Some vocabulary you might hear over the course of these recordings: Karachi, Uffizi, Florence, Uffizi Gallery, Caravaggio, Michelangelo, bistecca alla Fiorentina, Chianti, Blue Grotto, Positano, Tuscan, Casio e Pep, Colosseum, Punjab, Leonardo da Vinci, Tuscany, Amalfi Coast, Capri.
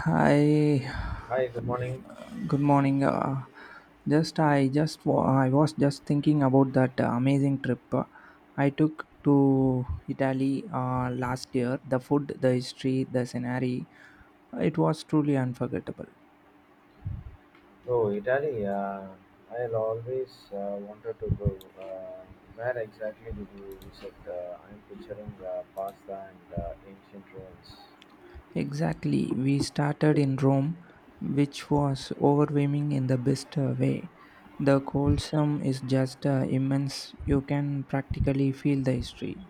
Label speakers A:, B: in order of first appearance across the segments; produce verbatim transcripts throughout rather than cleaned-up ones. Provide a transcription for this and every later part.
A: Hi,
B: Hi, good morning.
A: good morning. Uh, just I just wa- I was just thinking about that uh, amazing trip uh, I took to Italy uh, last year. The food, the history, the scenery, it was truly unforgettable.
B: Oh, Italy. Uh, I have always uh, wanted to go. Uh, where exactly did you visit? Uh, I'm picturing uh, pasta and uh, ancient ruins.
A: Exactly, we started in Rome, which was overwhelming in the best uh, way. The Colosseum is just uh, immense. You can practically feel the history.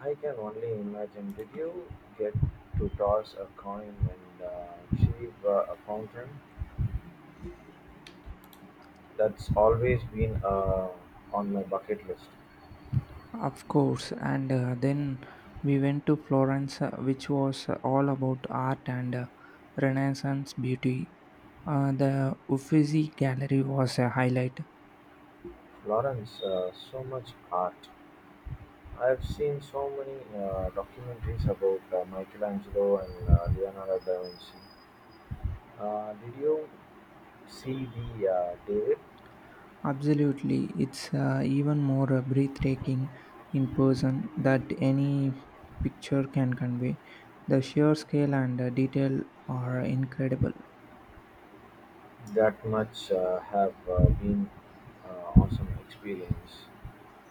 B: I can only imagine. Did you get to toss a coin and uh, achieve uh, a fountain? That's always been uh, on my bucket list.
A: Of course, and uh, then we went to Florence, uh, which was uh, all about art and uh, Renaissance beauty. Uh, the Uffizi Gallery was a highlight.
B: Florence, uh, so much art. I've seen so many uh, documentaries about uh, Michelangelo and uh, Leonardo da Vinci. Uh, did you see the uh, David?
A: Absolutely, it's uh, even more uh, breathtaking in person that any picture can convey. The sheer scale and uh, detail are incredible.
B: That much uh, have uh, been uh, awesome experience.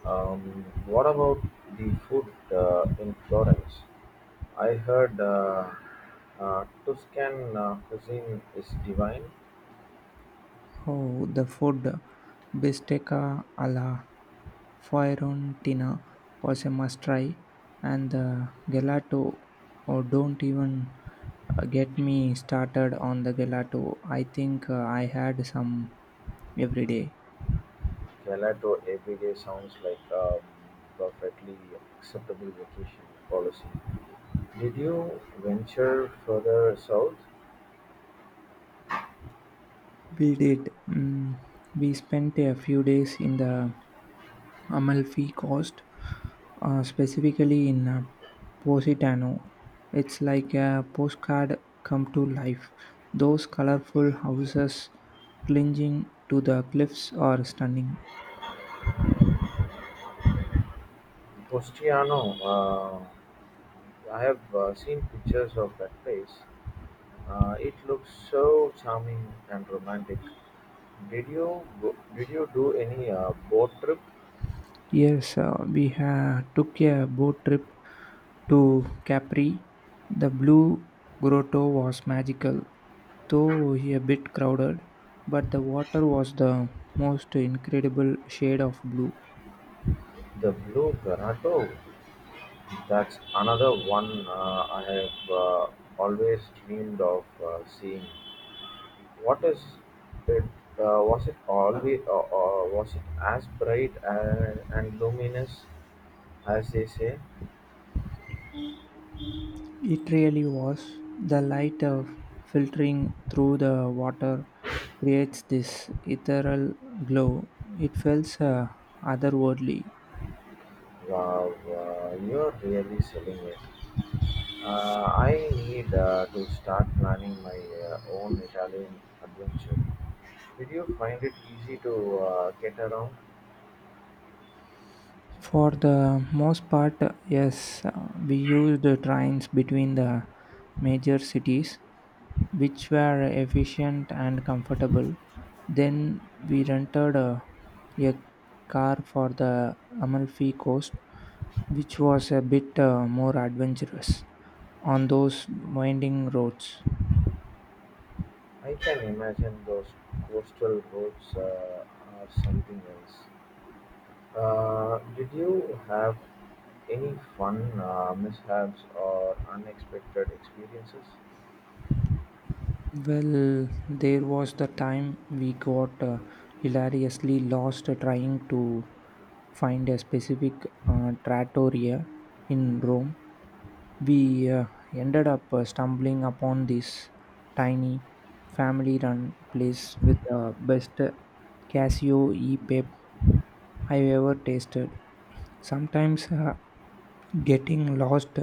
B: Um, what about the food uh, in Florence? I heard uh, uh, Tuscan uh, cuisine is divine.
A: Oh, the food bistecca alla Fiorentina was a must try, and the gelato. Oh, don't even uh, get me started on the gelato. I think uh, I had some every day.
B: Gelato every day sounds like a perfectly acceptable vacation policy. Did you venture further south?
A: We did. Mm, we spent a few days in the Amalfi Coast, uh, specifically in uh, Positano. It's like a postcard come to life. Those colorful houses clinging to the cliffs are stunning.
B: Postiano, I have uh, seen pictures of that place. Uh, it looks so charming and romantic. Did you go, did you do any uh, boat trip?
A: Yes, uh, we ha- took a boat trip to Capri. The Blue Grotto was magical, though a bit crowded, but the water was the most incredible shade of blue.
B: The Blue Grotto. That's another one uh, I have uh, always dreamed of uh, seeing. What is it? Uh, was it always uh, uh, was it as bright and, and luminous as they say?
A: It really was. The light uh, filtering through the water creates this ethereal glow. It feels uh, otherworldly.
B: Wow, uh, you're really selling it. Uh, I need uh, to start planning my uh, own Italian adventure. Did you find it easy to uh, get around?
A: For the most part, yes, uh, we used the trains between the major cities, which were efficient and comfortable. Then we rented a, a car for the Amalfi Coast, which was a bit uh, more adventurous on those winding roads.
B: I can imagine those coastal roads uh, are something else. Uh, did you have any fun uh, mishaps or unexpected experiences?
A: Well, there was the time we got uh, hilariously lost trying to find a specific uh, trattoria in Rome. We uh, ended up uh, stumbling upon this tiny family run place with the best Casio e Pep I've ever tasted. Sometimes uh, getting lost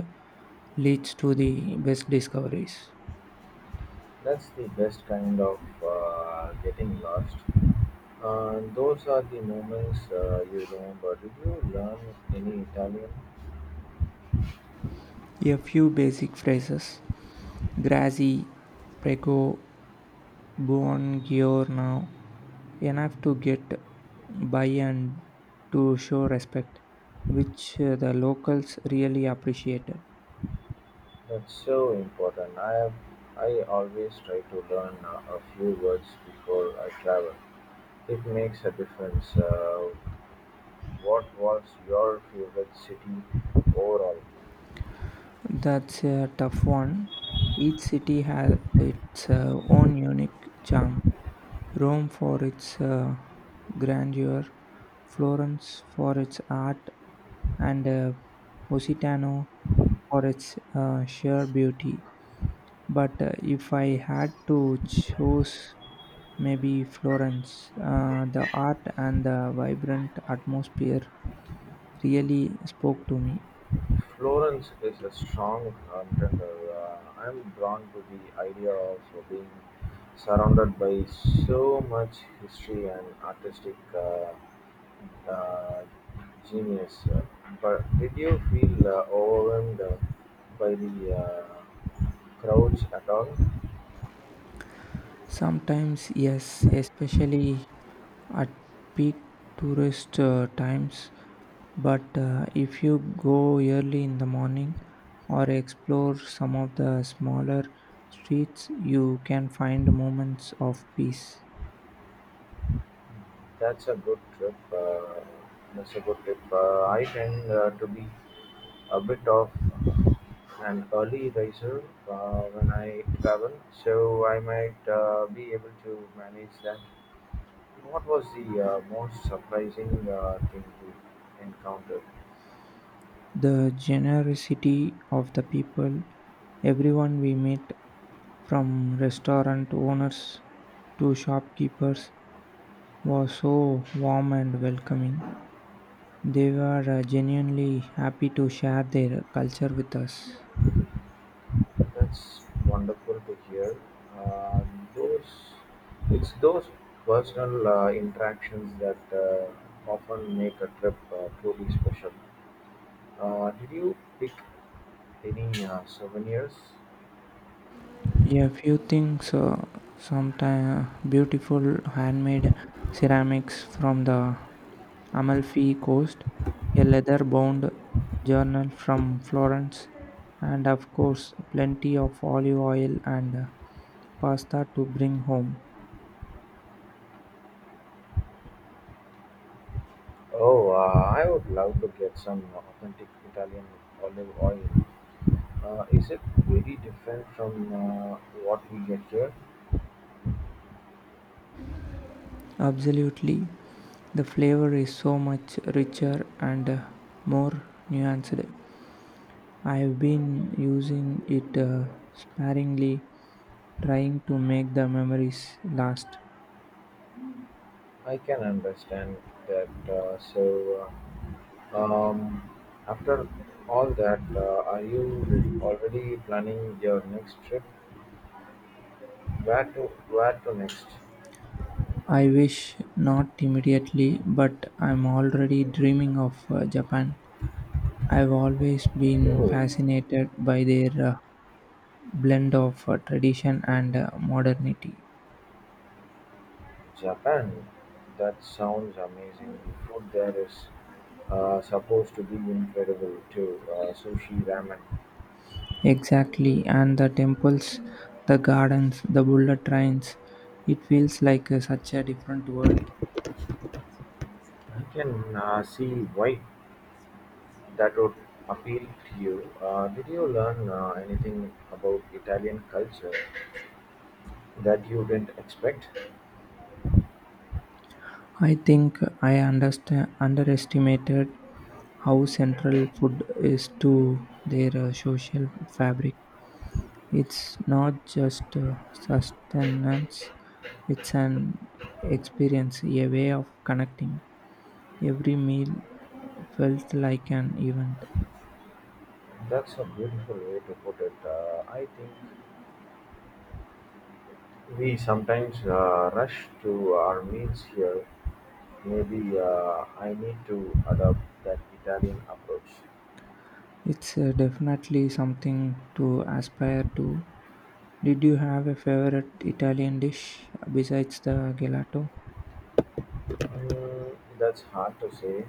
A: leads to the best discoveries.
B: That's the best kind of uh, getting lost. Uh, those are the moments uh, you remember. Did you learn any Italian?
A: A few basic phrases: grassy, prego, Born Bouongior now, enough to get by and to show respect, which uh, the locals really appreciated.
B: That's so important. I have, I always try to learn uh, a few words before I travel. It makes a difference. Uh, what was your favorite city overall?
A: That's a tough one. Each city has its uh, own unique charm. Rome for its uh, grandeur, Florence for its art, and uh, Positano for its uh, sheer beauty. But uh, if I had to choose, maybe Florence. Uh, the art and the vibrant atmosphere really spoke to me.
B: Florence is a strong contender. Uh, I'm drawn to the idea of being surrounded by so much history and artistic uh, uh, genius. Uh, But did you feel uh, overwhelmed uh, by the uh, crowds at all.
A: Sometimes, yes, especially at peak tourist uh, times. But uh, if you go early in the morning or explore some of the smaller streets, you can find moments of peace.
B: That's a good trip. Uh, that's a good trip. Uh, I tend uh, to be a bit of an early riser uh, when I travel, so I might uh, be able to manage that. What was the uh, most surprising uh, thing you encountered?
A: The generosity of the people, everyone we met, from restaurant owners to shopkeepers, was so warm and welcoming. They were uh, genuinely happy to share their culture with us.
B: That's wonderful to hear. Uh, those it's those personal uh, interactions that uh, often make a trip uh, truly special. Uh, did you pick any uh, souvenirs?
A: Yeah, few things. Uh, Sometimes beautiful handmade ceramics from the Amalfi Coast, a leather-bound journal from Florence, and of course, plenty of olive oil and uh, pasta to bring home.
B: Oh, uh, I would love to get some authentic Italian olive oil. Uh, is it very different from uh, what we get here?
A: Absolutely, the flavor is so much richer and uh, more nuanced. I've been using it uh, sparingly, trying to make the memories last.
B: I can understand that. Uh, so, uh, um, after all that, uh, are you re- already planning your next trip? Where to? Where to next?
A: I wish not immediately, but I'm already dreaming of uh, Japan. I've always been
B: Oh,
A: fascinated by their uh, blend of uh, tradition and uh, modernity.
B: Japan. That sounds amazing. The food there is uh, supposed to be incredible too. Uh, sushi, ramen.
A: Exactly, and the temples, the gardens, the bullet trains. It feels like uh, such a different world.
B: I can uh, see why that would appeal to you. Uh, did you learn uh, anything about Italian culture that you didn't expect?
A: I think I understand underestimated how central food is to their uh, social fabric. It's not just uh, sustenance; it's an experience, a way of connecting. Every meal felt like an event.
B: That's a beautiful way to put it. Uh, I think we sometimes uh, rush to our meals here. Maybe uh, I need to adopt that Italian approach.
A: It's uh, definitely something to aspire to. Did you have a favorite Italian dish besides the gelato?
B: Mm, that's hard to say.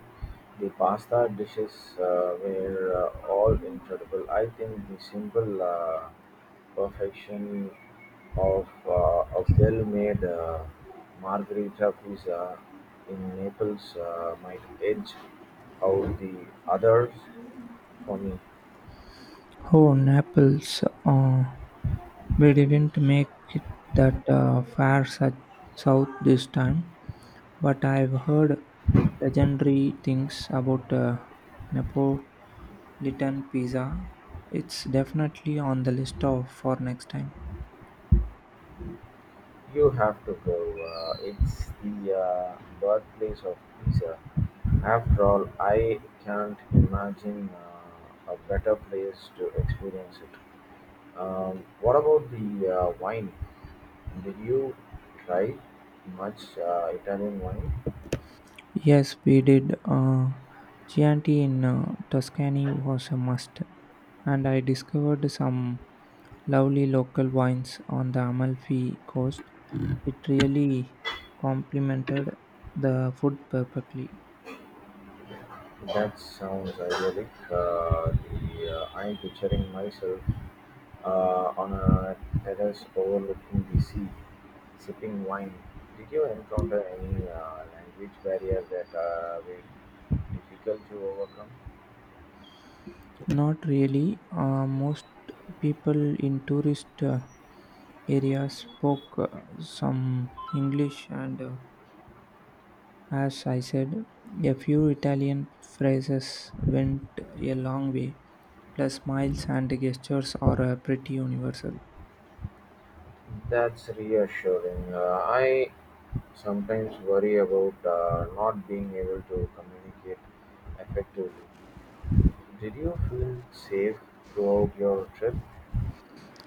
B: The pasta dishes uh, were uh, all incredible. I think the simple uh, perfection of uh, a well made uh, margherita pizza in Naples uh, might edge out the others for me.
A: Oh, Naples. Uh, We didn't make it that uh, far su- south this time, but I've heard legendary things about uh, Napolitan pizza. It's definitely on the list of for next time.
B: You have to go. Uh, it's the uh, birthplace of pizza. After all, I can't imagine uh, a better place to experience it. Um, what about the uh, wine? Did you try much uh, Italian wine?
A: Yes, we did. Uh, Chianti in uh, Tuscany was a must, and I discovered some lovely local wines on the Amalfi coast. It really complemented the food perfectly.
B: That sounds idyllic. Uh, the, uh, I'm picturing myself uh, on a terrace overlooking the sea, sipping wine. Did you encounter any uh, language barrier that uh, were difficult to overcome?
A: Not really. Uh, most people in tourist uh, areas spoke uh, some English, and uh, As I said, a few Italian phrases went a long way, plus smiles and gestures are uh, pretty universal.
B: That's reassuring. Uh, I sometimes worry about uh, not being able to communicate effectively. Did you feel safe throughout your trip?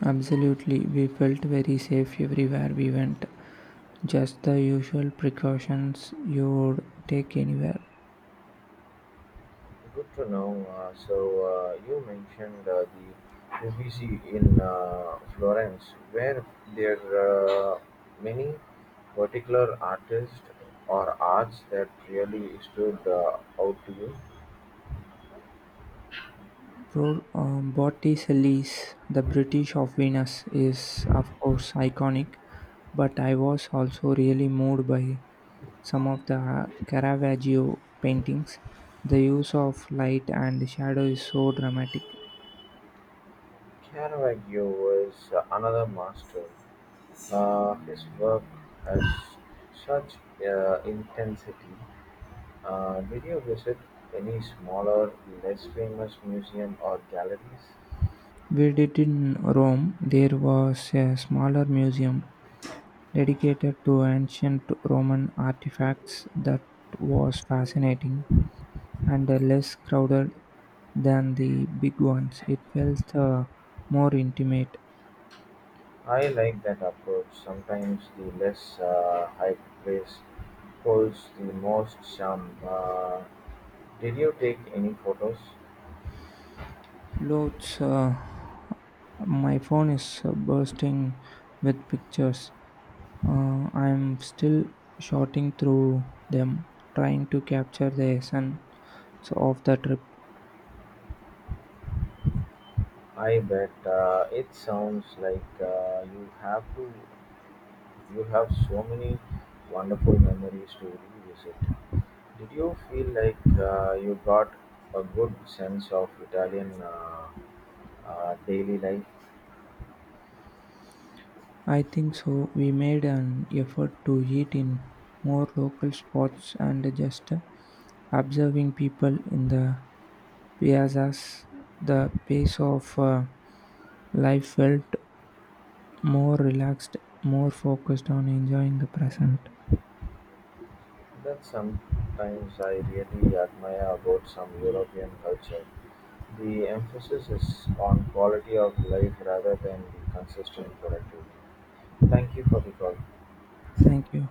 A: Absolutely, we felt very safe everywhere we went. Just the usual precautions you would take anywhere.
B: Good to know. Uh, so uh, you mentioned uh, the Uffizi in uh, Florence. Were there uh, many particular artists or arts that really stood uh, out to you?
A: Bro, um, Botticelli's The British of Venus is, of course, iconic, but I was also really moved by some of the Caravaggio paintings. The use of light and shadow is so dramatic.
B: Caravaggio was uh, another master. Uh, his work has such uh, intensity. Uh, did you visit any smaller, less famous museum or galleries?
A: We did. In Rome, there was a smaller museum dedicated to ancient Roman artifacts that was fascinating and uh, less crowded than the big ones. It felt uh, more intimate.
B: I like that approach. Sometimes the less uh, hype place holds the most charm. Uh, did you take any photos?
A: Loads, uh, my phone is uh, bursting with pictures. Uh, I'm still shooting through them, trying to capture the essence of the trip.
B: I bet uh, it sounds like uh, you have to. You have so many wonderful memories to revisit. Did you feel like uh, you got a good sense of Italian uh, uh, daily life?
A: I think so. We made an effort to eat in more local spots and just observing people in the piazzas. The pace of uh, life felt more relaxed, more focused on enjoying the present.
B: That sometimes I really admire about some European culture. The emphasis is on quality of life rather than the consistent productivity. Thank you for the call.
A: Thank you.